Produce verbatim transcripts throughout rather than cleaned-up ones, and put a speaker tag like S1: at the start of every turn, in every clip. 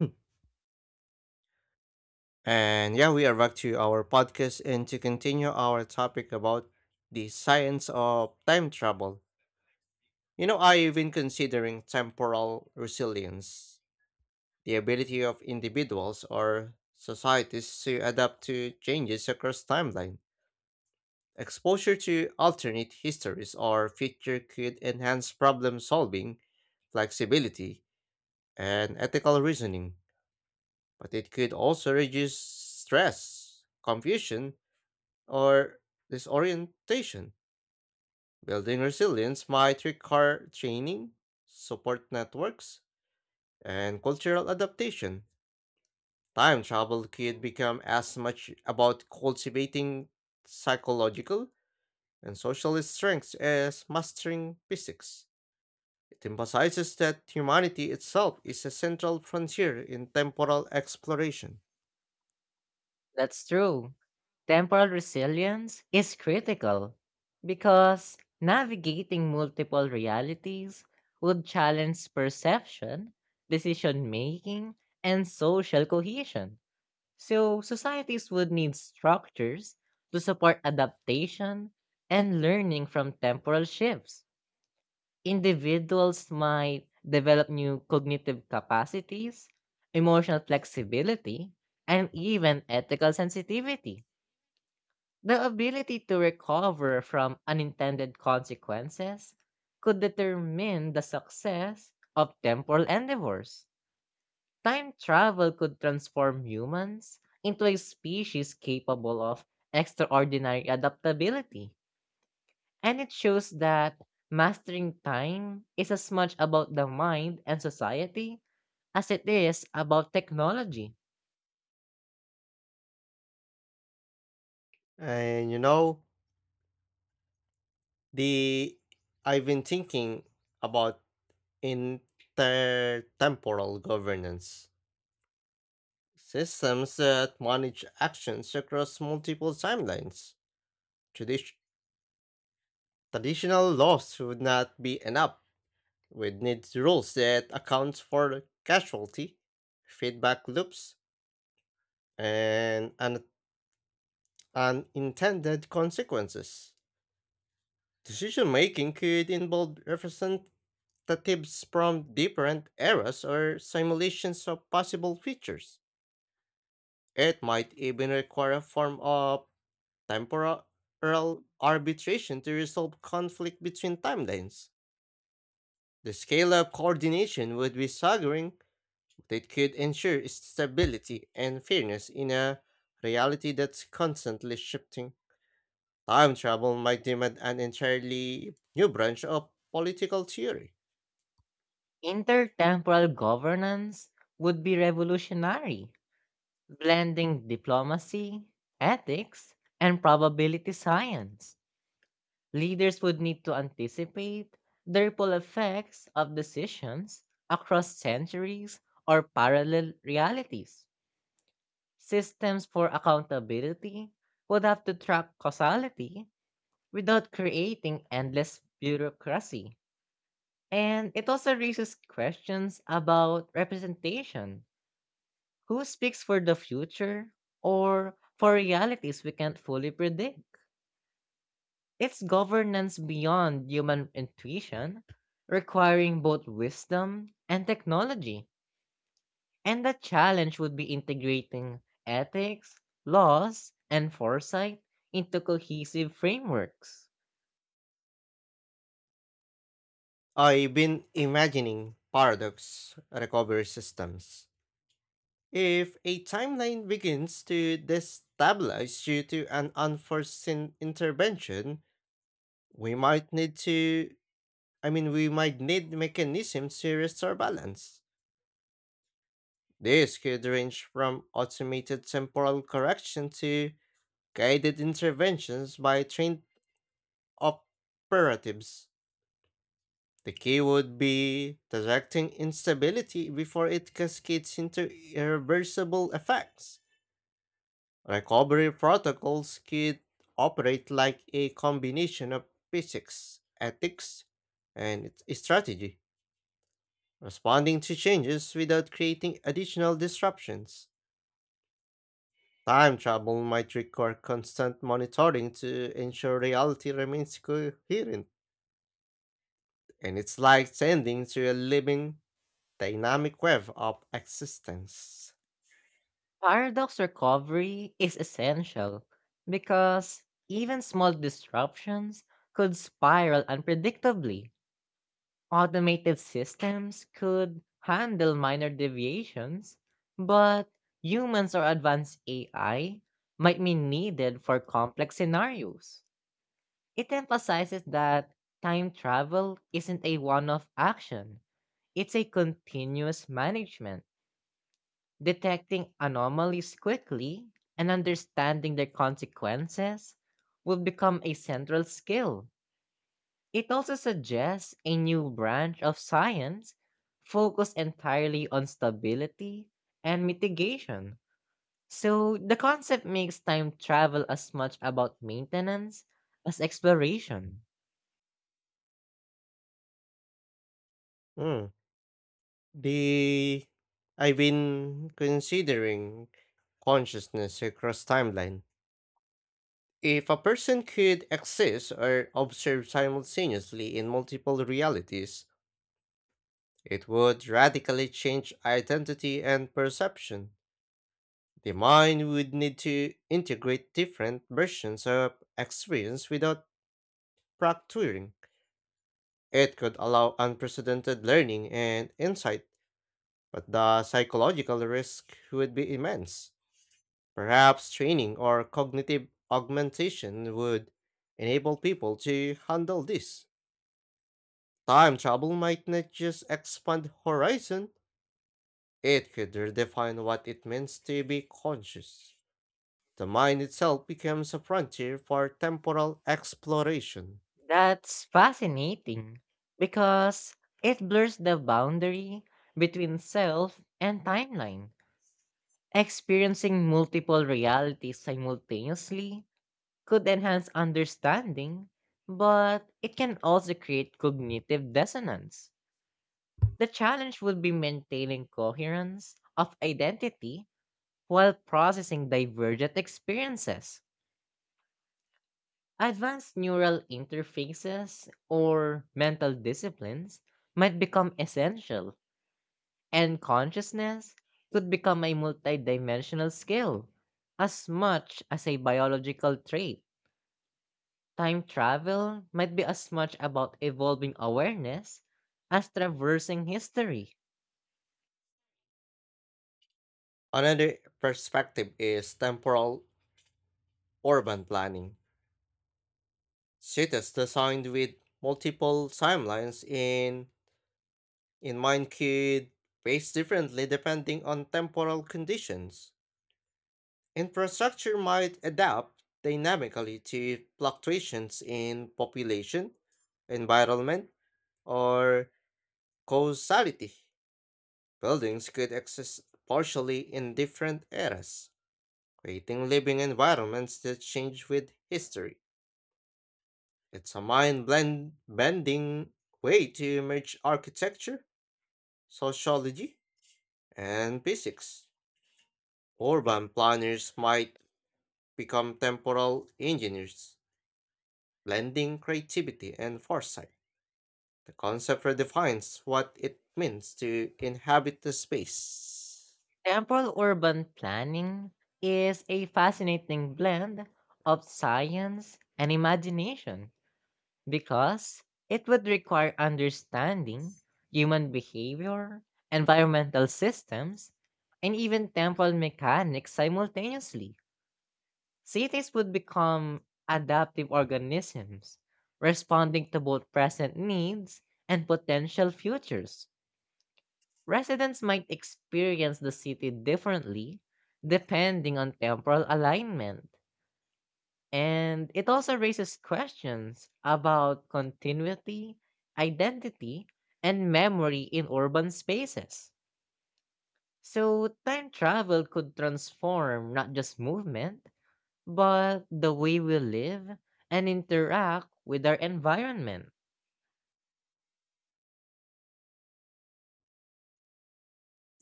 S1: Hmm. And yeah, we are back to our podcast and to continue our topic about the science of time travel. You know, I've been considering temporal resilience, the ability of individuals or societies to adapt to changes across timeline. Exposure to alternate histories or future could enhance problem solving, flexibility, and ethical reasoning, but it could also reduce stress, confusion, or disorientation. Building resilience might require training, support networks, and cultural adaptation. Time travel could become as much about cultivating psychological and social strengths as mastering physics. It emphasizes that humanity itself is a central frontier in temporal exploration.
S2: That's true. Temporal resilience is critical because navigating multiple realities would challenge perception, decision making, and social cohesion. So, societies would need structures to support adaptation and learning from temporal shifts. Individuals might develop new cognitive capacities, emotional flexibility, and even ethical sensitivity. The ability to recover from unintended consequences could determine the success of temporal endeavors. Time travel could transform humans into a species capable of extraordinary adaptability. And it shows that mastering time is as much about the mind and society as it is about technology.
S1: And you know, the I've been thinking about intertemporal governance systems that manage actions across multiple timelines. Tradi- traditional laws would not be enough. We'd need rules that account for casualty, feedback loops, and un- unintended consequences. Decision making could involve representatives from different eras or simulations of possible features. It might even require a form of temporal arbitration to resolve conflict between timelines. The scale of coordination would be staggering, but it could ensure stability and fairness in a reality that's constantly shifting. Time travel might demand an entirely new branch of political theory.
S2: Intertemporal governance would be revolutionary. Blending diplomacy, ethics, and probability science, leaders would need to anticipate the ripple effects of decisions across centuries or parallel realities. Systems for accountability would have to track causality without creating endless bureaucracy. And it also raises questions about representation. Who speaks for the future or for realities we can't fully predict? It's governance beyond human intuition, requiring both wisdom and technology. And the challenge would be integrating ethics, laws, and foresight into cohesive frameworks.
S1: I've been imagining paradox recovery systems. If a timeline begins to destabilize due to an unforeseen intervention, we might need to, I mean, we might need mechanisms to restore balance. This could range from automated temporal correction to guided interventions by trained operatives. The key would be detecting instability before it cascades into irreversible effects. Recovery protocols could operate like a combination of physics, ethics, and its strategy, responding to changes without creating additional disruptions. Time travel might require constant monitoring to ensure reality remains coherent, and it's like sending to a living, dynamic web of existence.
S2: Paradox recovery is essential because even small disruptions could spiral unpredictably. Automated systems could handle minor deviations, but humans or advanced A I might be needed for complex scenarios. It emphasizes that time travel isn't a one off action, it's a continuous management. Detecting anomalies quickly and understanding their consequences will become a central skill. It also suggests a new branch of science focused entirely on stability and mitigation. So the concept makes time travel as much about maintenance as exploration.
S1: Hmm. The I've been considering consciousness across timeline. If a person could exist or observe simultaneously in multiple realities, it would radically change identity and perception. The mind would need to integrate different versions of experience without fracturing. It could allow unprecedented learning and insight, but the psychological risk would be immense. Perhaps training or cognitive augmentation would enable people to handle this. Time travel might not just expand horizon, it could redefine what it means to be conscious. The mind itself becomes a frontier for temporal exploration.
S2: That's fascinating because it blurs the boundary between self and timeline. Experiencing multiple realities simultaneously could enhance understanding, but it can also create cognitive dissonance. The challenge would be maintaining coherence of identity while processing divergent experiences. Advanced neural interfaces or mental disciplines might become essential, and consciousness could become a multidimensional skill as much as a biological trait. Time travel might be as much about evolving awareness as traversing history.
S1: Another perspective is temporal urban planning. Cities designed with multiple timelines in in mind could pace differently depending on temporal conditions. Infrastructure might adapt dynamically to fluctuations in population, environment, or causality. Buildings could exist partially in different eras, creating living environments that change with history. It's a mind blend bending way to merge architecture, sociology, and physics. Urban planners might become temporal engineers blending creativity and foresight. The concept redefines what it means to inhabit the space.
S2: Temporal urban planning is a fascinating blend of science and imagination because it would require understanding human behavior, environmental systems, and even temporal mechanics simultaneously. Cities would become adaptive organisms, responding to both present needs and potential futures. Residents might experience the city differently depending on temporal alignment. And it also raises questions about continuity, identity, and memory in urban spaces. So, time travel could transform not just movement, but the way we live and interact with our environment.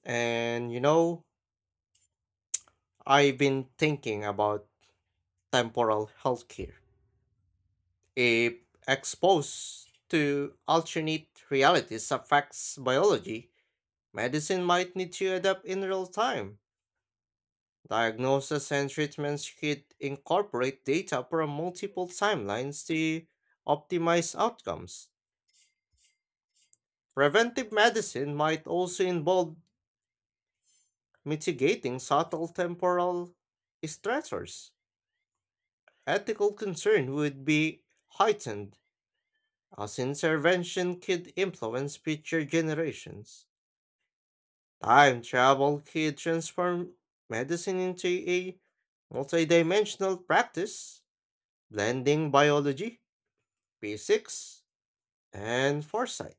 S1: And you know, I've been thinking about temporal healthcare. If exposed to alternate realities affects biology, medicine might need to adapt in real time. Diagnosis and treatments could incorporate data from multiple timelines to optimize outcomes. Preventive medicine might also involve mitigating subtle temporal stressors. Ethical concern would be heightened, as intervention could influence future generations. Time travel could transform medicine into a multidimensional practice, blending biology, physics, and foresight.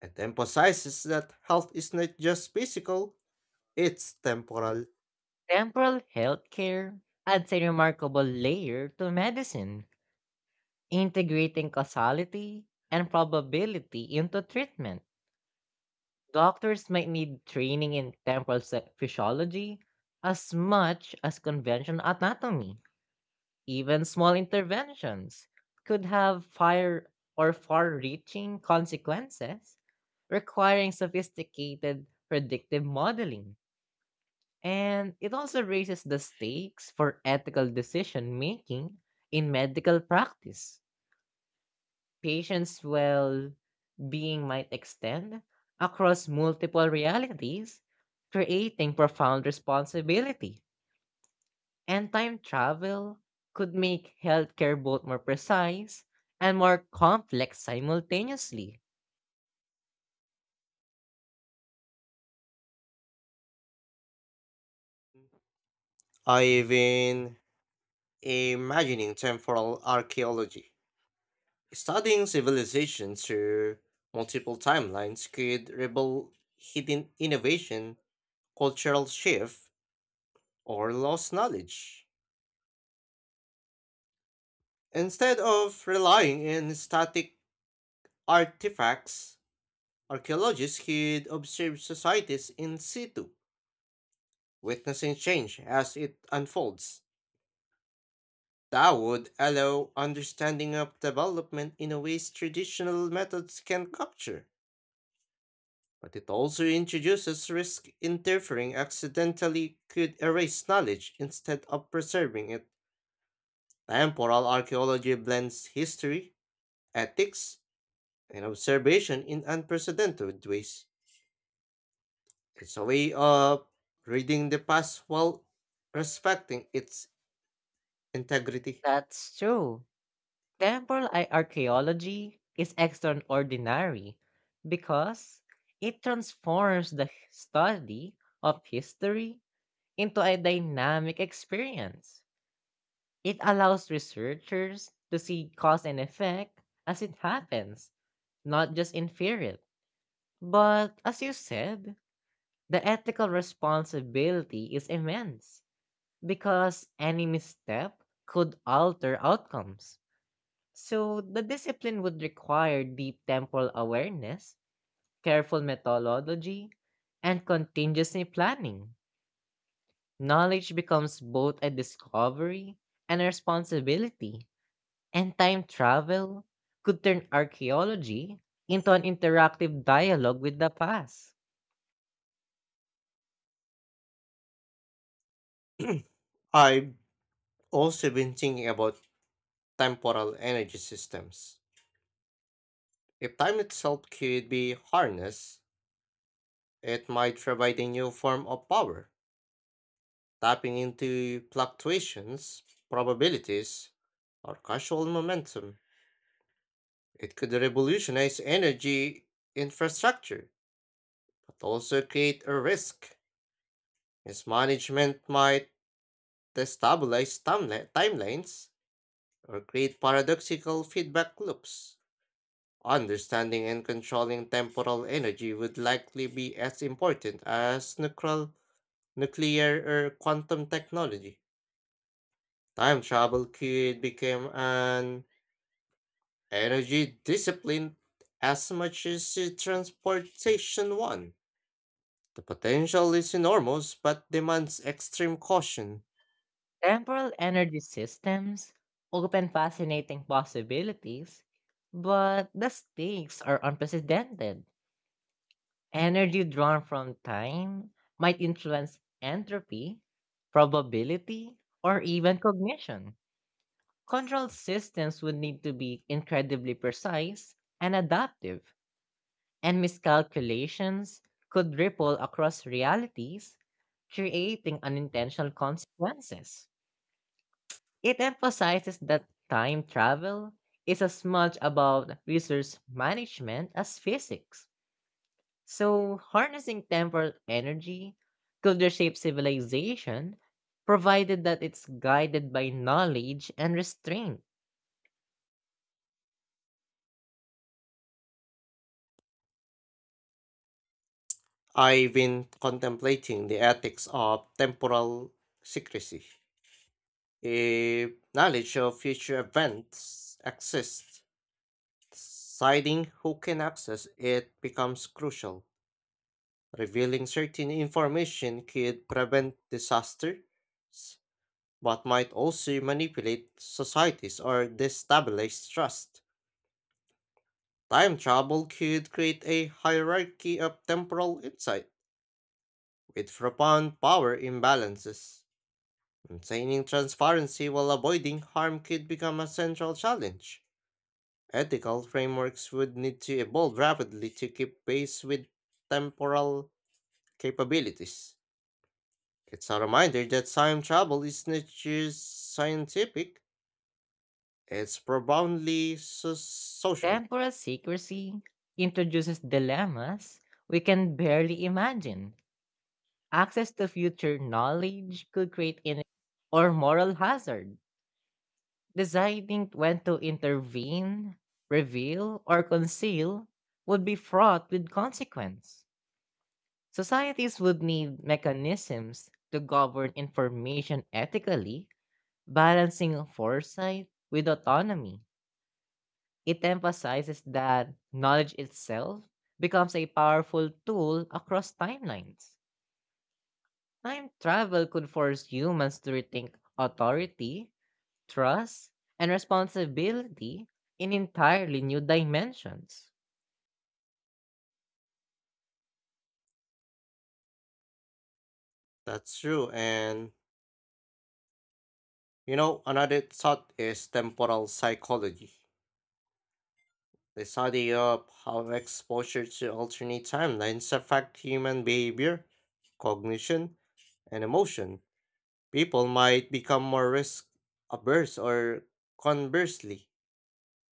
S1: It emphasizes that health is not just physical, it's temporal.
S2: Temporal healthcare adds a remarkable layer to medicine, integrating causality and probability into treatment. Doctors might need training in temporal se- physiology as much as conventional anatomy. Even small interventions could have fire or far reaching consequences, requiring sophisticated predictive modeling. And it also raises the stakes for ethical decision making in medical practice. Patients' well being might extend across multiple realities, creating profound responsibility. And time travel could make healthcare both more precise and more complex simultaneously.
S1: I've been imagining temporal archaeology. Studying civilization through multiple timelines could reveal hidden innovation, cultural shift, or lost knowledge. Instead of relying on static artifacts, archaeologists could observe societies in situ, witnessing change as it unfolds. That would allow understanding of development in a ways traditional methods can capture, but it also introduces risk interfering accidentally could erase knowledge instead of preserving it. Temporal archaeology blends history, ethics, and observation in unprecedented ways. It's a way of reading the past while respecting its integrity.
S2: That's true. Temporal i- archaeology is extraordinary because it transforms the h- study of history into a dynamic experience. It allows researchers to see cause and effect as it happens, not just infer it. But as you said, the ethical responsibility is immense because any misstep could alter outcomes. So, the discipline would require deep temporal awareness, careful methodology, and contingency planning. Knowledge becomes both a discovery and a responsibility, and time travel could turn archaeology into an interactive dialogue with the past.
S1: I've also been thinking about temporal energy systems. If time itself could be harnessed, it might provide a new form of power, tapping into fluctuations, probabilities, or casual momentum. It could revolutionize energy infrastructure, but also create a risk. Mismanagement might destabilize timeli- timelines or create paradoxical feedback loops. Understanding and controlling temporal energy would likely be as important as nuclear, nuclear or quantum technology. Time travel could become an energy discipline as much as the transportation one. The potential is enormous but demands extreme caution.
S2: Temporal energy systems open fascinating possibilities, but the stakes are unprecedented. Energy drawn from time might influence entropy, probability, or even cognition. Control systems would need to be incredibly precise and adaptive, and miscalculations could ripple across realities, creating unintentional consequences. It emphasizes that time travel is as much about resource management as physics. So, harnessing temporal energy could reshape civilization, provided that it's guided by knowledge and restraint.
S1: I've been contemplating the ethics of temporal secrecy. If knowledge of future events exists, deciding who can access it becomes crucial. Revealing certain information could prevent disasters, but might also manipulate societies or destabilize trust. Time travel could create a hierarchy of temporal insight with profound power imbalances. Maintaining transparency while avoiding harm could become a central challenge. Ethical frameworks would need to evolve rapidly to keep pace with temporal capabilities. It's a reminder that time travel is not just scientific, it's profoundly so- social.
S2: Temporal secrecy introduces dilemmas we can barely imagine. Access to future knowledge could create in or moral hazard. Deciding when to intervene, reveal, or conceal would be fraught with consequence. Societies would need mechanisms to govern information ethically, balancing foresight with autonomy. It emphasizes that knowledge itself becomes a powerful tool across timelines. Time travel could force humans to rethink authority, trust, and responsibility in entirely new dimensions.
S1: That's true. And, you know, another thought is temporal psychology. The study of how exposure to alternate timelines affect human behavior, cognition, and emotion. People might become more risk averse or conversely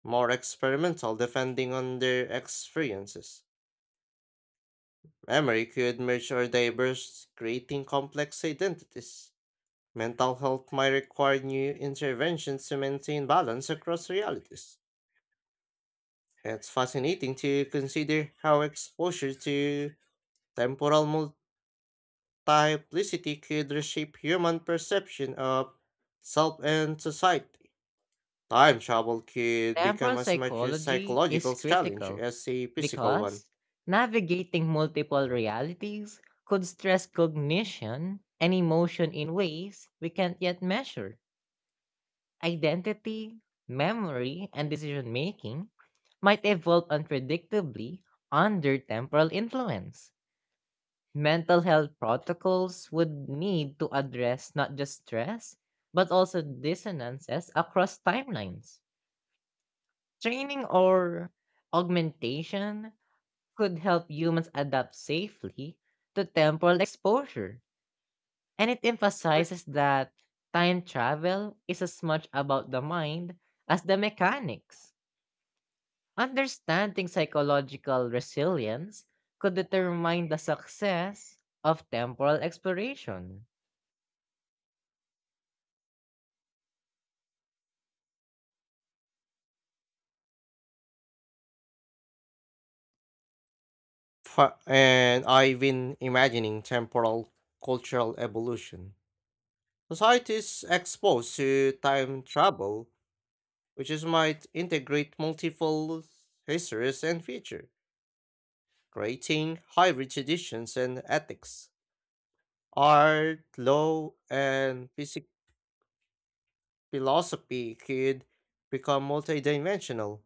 S1: more experimental depending on their experiences. Memory could merge or diverge, creating complex identities. Mental health might require new interventions to maintain balance across realities. It's fascinating to consider how exposure to temporal multiplicity could reshape human perception of self and society. Time travel could become
S2: Temporal
S1: as much a
S2: psychology is
S1: psychological challenge
S2: critical
S1: as a physical one.
S2: because navigating multiple realities could stress cognition and emotion in ways we can't yet measure. Identity, memory, and decision making might evolve unpredictably under temporal influence. Mental health protocols would need to address not just stress, but also dissonances across timelines. Training or augmentation could help humans adapt safely to temporal exposure. And it emphasizes that time travel is as much about the mind as the mechanics. Understanding psychological resilience could determine the success of temporal exploration.
S1: Fa- and I've been imagining temporal cultural evolution. Societies exposed to time travel, which is might integrate multiple histories and future, creating hybrid traditions and ethics. Art, law, and physic- philosophy could become multidimensional,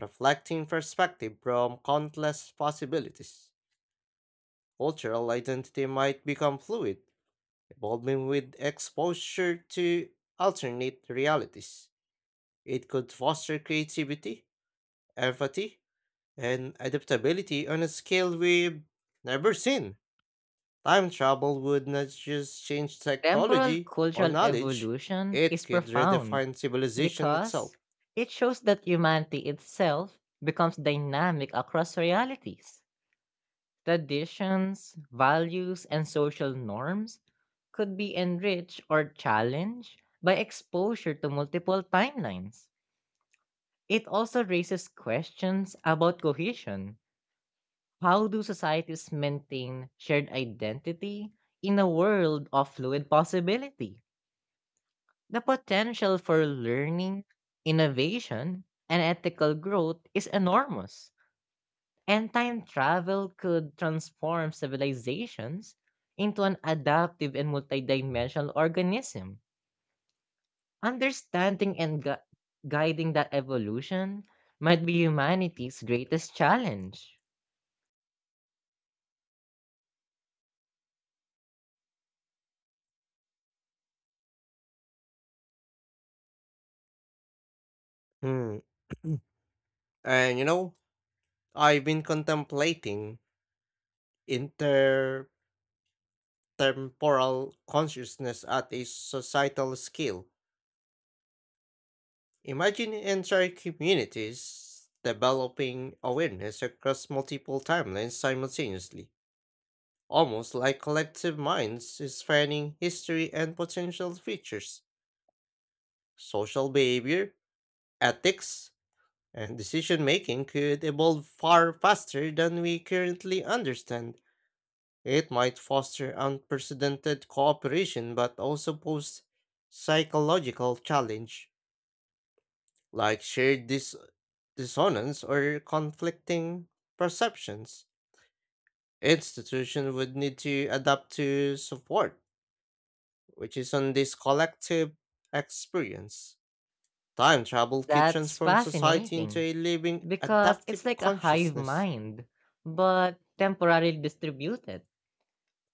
S1: reflecting perspective from countless possibilities. Cultural identity might become fluid involving with exposure to alternate realities. It could foster creativity, empathy, and adaptability on a scale we've never seen. Time travel would not just change
S2: Temporal
S1: technology or
S2: cultural
S1: knowledge,
S2: evolution
S1: it
S2: is
S1: could
S2: profound
S1: redefine civilization
S2: because
S1: itself.
S2: it shows that humanity itself becomes dynamic across realities. Traditions, values, and social norms could be enriched or challenged by exposure to multiple timelines. It also raises questions about cohesion. How do societies maintain shared identity in a world of fluid possibility? The potential for learning, innovation, and ethical growth is enormous, and time travel could transform civilizations into an adaptive and multidimensional organism. Understanding and gu- guiding that evolution might be humanity's greatest challenge.
S1: Hmm. and you know, I've been contemplating intertemporal consciousness at a societal scale. Imagine entire communities developing awareness across multiple timelines simultaneously, almost like collective minds spanning history and potential futures. Social behavior, ethics, and decision making could evolve far faster than we currently understand. It might foster unprecedented cooperation but also pose psychological challenge, like shared dis- dissonance or conflicting perceptions. Institutions would need to adapt to support, which is on this collective experience. Time travel could
S2: That's
S1: transform society into
S2: fascinating
S1: a living,
S2: because it's
S1: adaptive
S2: like a hive
S1: consciousness.
S2: mind, but temporarily distributed.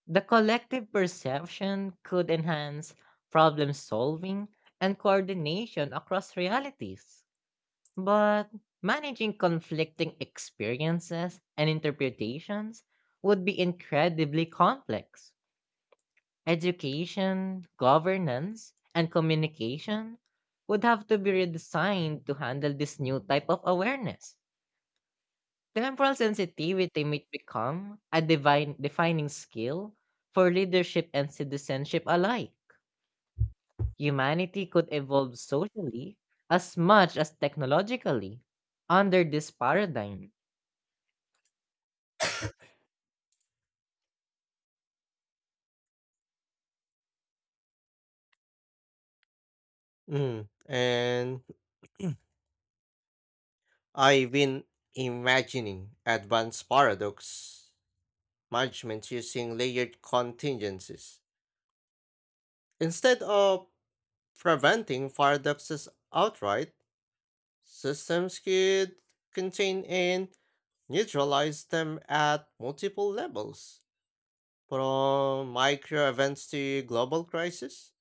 S2: The collective perception could enhance problem solving and coordination across realities. But managing conflicting experiences and interpretations would be incredibly complex. Education, governance, and communication would have to be redesigned to handle this new type of awareness. Temporal sensitivity may become a divine defining skill for leadership and citizenship alike. Humanity could evolve socially as much as technologically under this paradigm.
S1: Mm. And I've been imagining advanced paradox management using layered contingencies. Instead of preventing paradoxes outright, systems could contain and neutralize them at multiple levels, from micro events to global crises.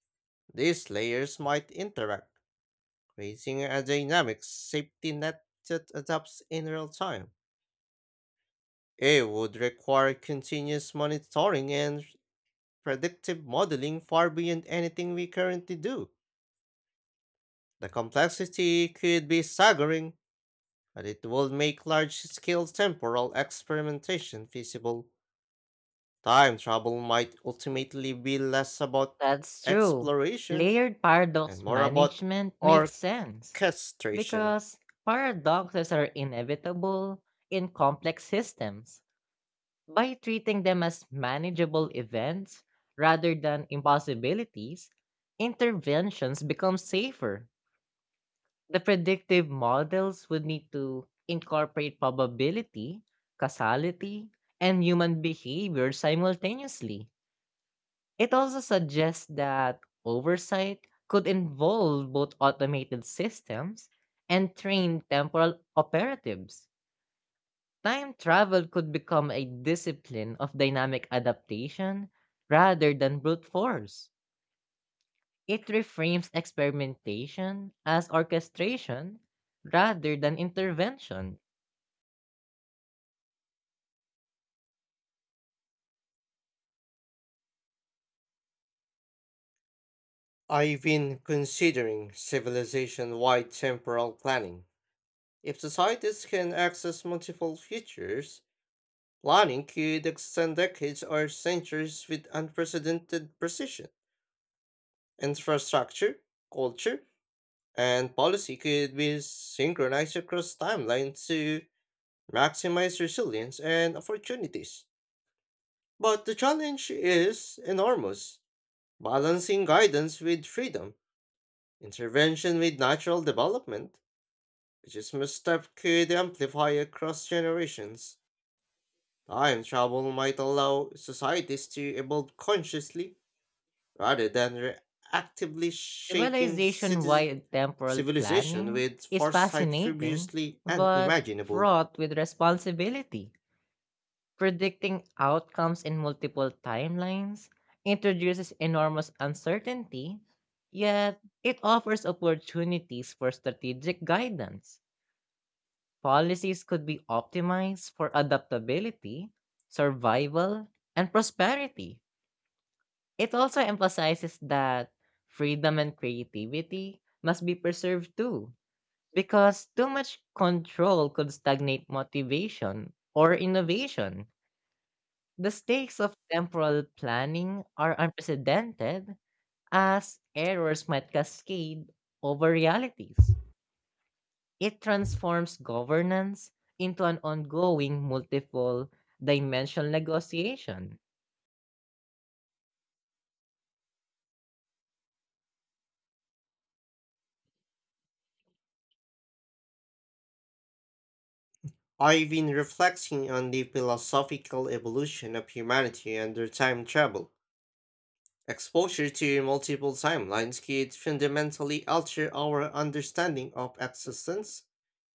S1: These layers might interact, creating a dynamic safety net that adapts in real time. It would require continuous monitoring and predictive modeling far beyond anything we currently do. The complexity could be staggering, but it would make large-scale temporal experimentation feasible. Time travel might ultimately be less about
S2: That's true.
S1: exploration
S2: Layered
S1: and
S2: paradox
S1: more about
S2: management makes sense
S1: orchestration.
S2: because paradoxes are inevitable in complex systems. By treating them as manageable events rather than impossibilities, interventions become safer. The predictive models would need to incorporate probability, causality, and human behavior simultaneously. It also suggests that oversight could involve both automated systems and trained temporal operatives. Time travel could become a discipline of dynamic adaptation rather than brute force. It reframes experimentation as orchestration rather than intervention.
S1: I've been considering civilization-wide temporal planning. If societies can access multiple futures, planning could extend decades or centuries with unprecedented precision. Infrastructure, culture, and policy could be synchronized across timelines to maximize resilience and opportunities. But the challenge is enormous, balancing guidance with freedom, intervention with natural development, which is misstep could amplify across generations. Time travel might allow societies to evolve consciously rather than reactively shaping
S2: Civilization
S1: citizen
S2: wide temporal
S1: civilization
S2: planning
S1: with
S2: is
S1: foresight
S2: fascinating
S1: previously
S2: but
S1: unimaginable.
S2: fraught with responsibility. Predicting outcomes in multiple timelines introduces enormous uncertainty, yet it offers opportunities for strategic guidance. Policies could be optimized for adaptability, survival, and prosperity. It also emphasizes that freedom and creativity must be preserved too, because too much control could stagnate motivation or innovation. The stakes of temporal planning are unprecedented as errors might cascade over realities. It transforms governance into an ongoing multiple dimensional negotiation.
S1: I've been reflecting on the philosophical evolution of humanity under time travel. Exposure to multiple timelines could fundamentally alter our understanding of existence,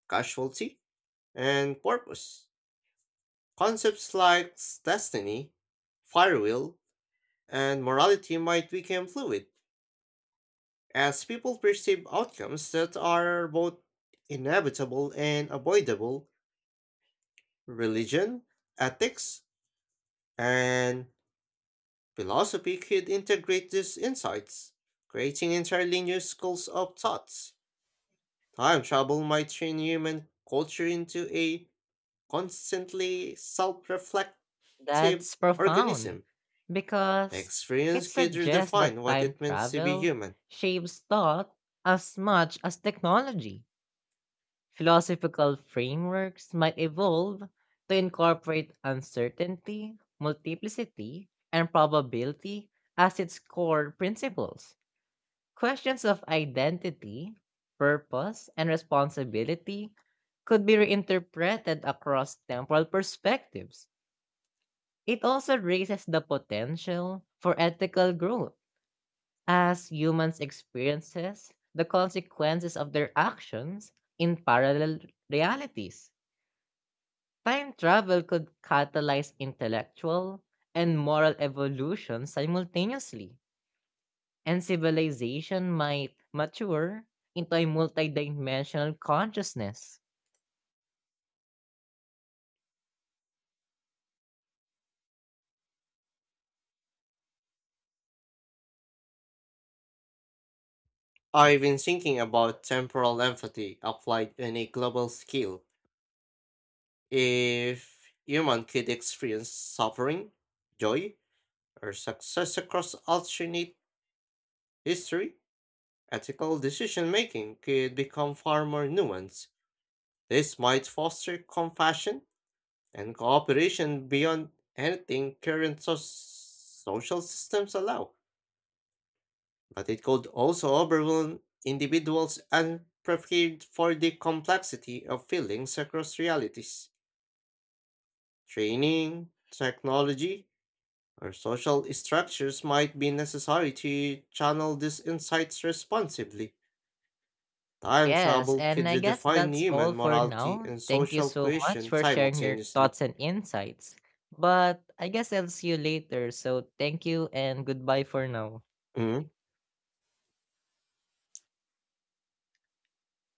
S1: causality, and purpose. Concepts like destiny, free will, and morality might become fluid as people perceive outcomes that are both inevitable and avoidable. Religion, ethics, and philosophy could integrate these insights, creating entirely new schools of thoughts. Time travel might train human culture into a constantly self reflective
S2: That's profound
S1: organism. The
S2: because it
S1: experience could
S2: suggests
S1: redefine
S2: that
S1: what
S2: time
S1: it means to be
S2: travel
S1: human.
S2: shapes thought as much as technology. Philosophical frameworks might evolve to incorporate uncertainty, multiplicity, and probability as its core principles. Questions of identity, purpose, and responsibility could be reinterpreted across temporal perspectives. It also raises the potential for ethical growth as humans experiences the consequences of their actions in parallel realities. Time travel could catalyze intellectual and moral evolution simultaneously, and civilization might mature into a multidimensional consciousness.
S1: I've been thinking about temporal empathy applied on a global scale. If human could experience suffering, joy, or success across alternate history, ethical decision making could become far more nuanced. This might foster compassion and cooperation beyond anything current so- social systems allow, but it could also overwhelm individuals unprepared for the complexity of feelings across realities. Training, technology, or social structures might be necessary to channel these insights responsibly. Time
S2: Yes,
S1: travel
S2: and
S1: could
S2: I guess
S1: redefine
S2: that's all
S1: human
S2: for
S1: morality
S2: now.
S1: and
S2: Thank you
S1: social
S2: so much
S1: cohesion
S2: for sharing your
S1: simultaneously.
S2: thoughts and insights. But I guess I'll see you later, so thank you and goodbye for now.
S1: Mhm.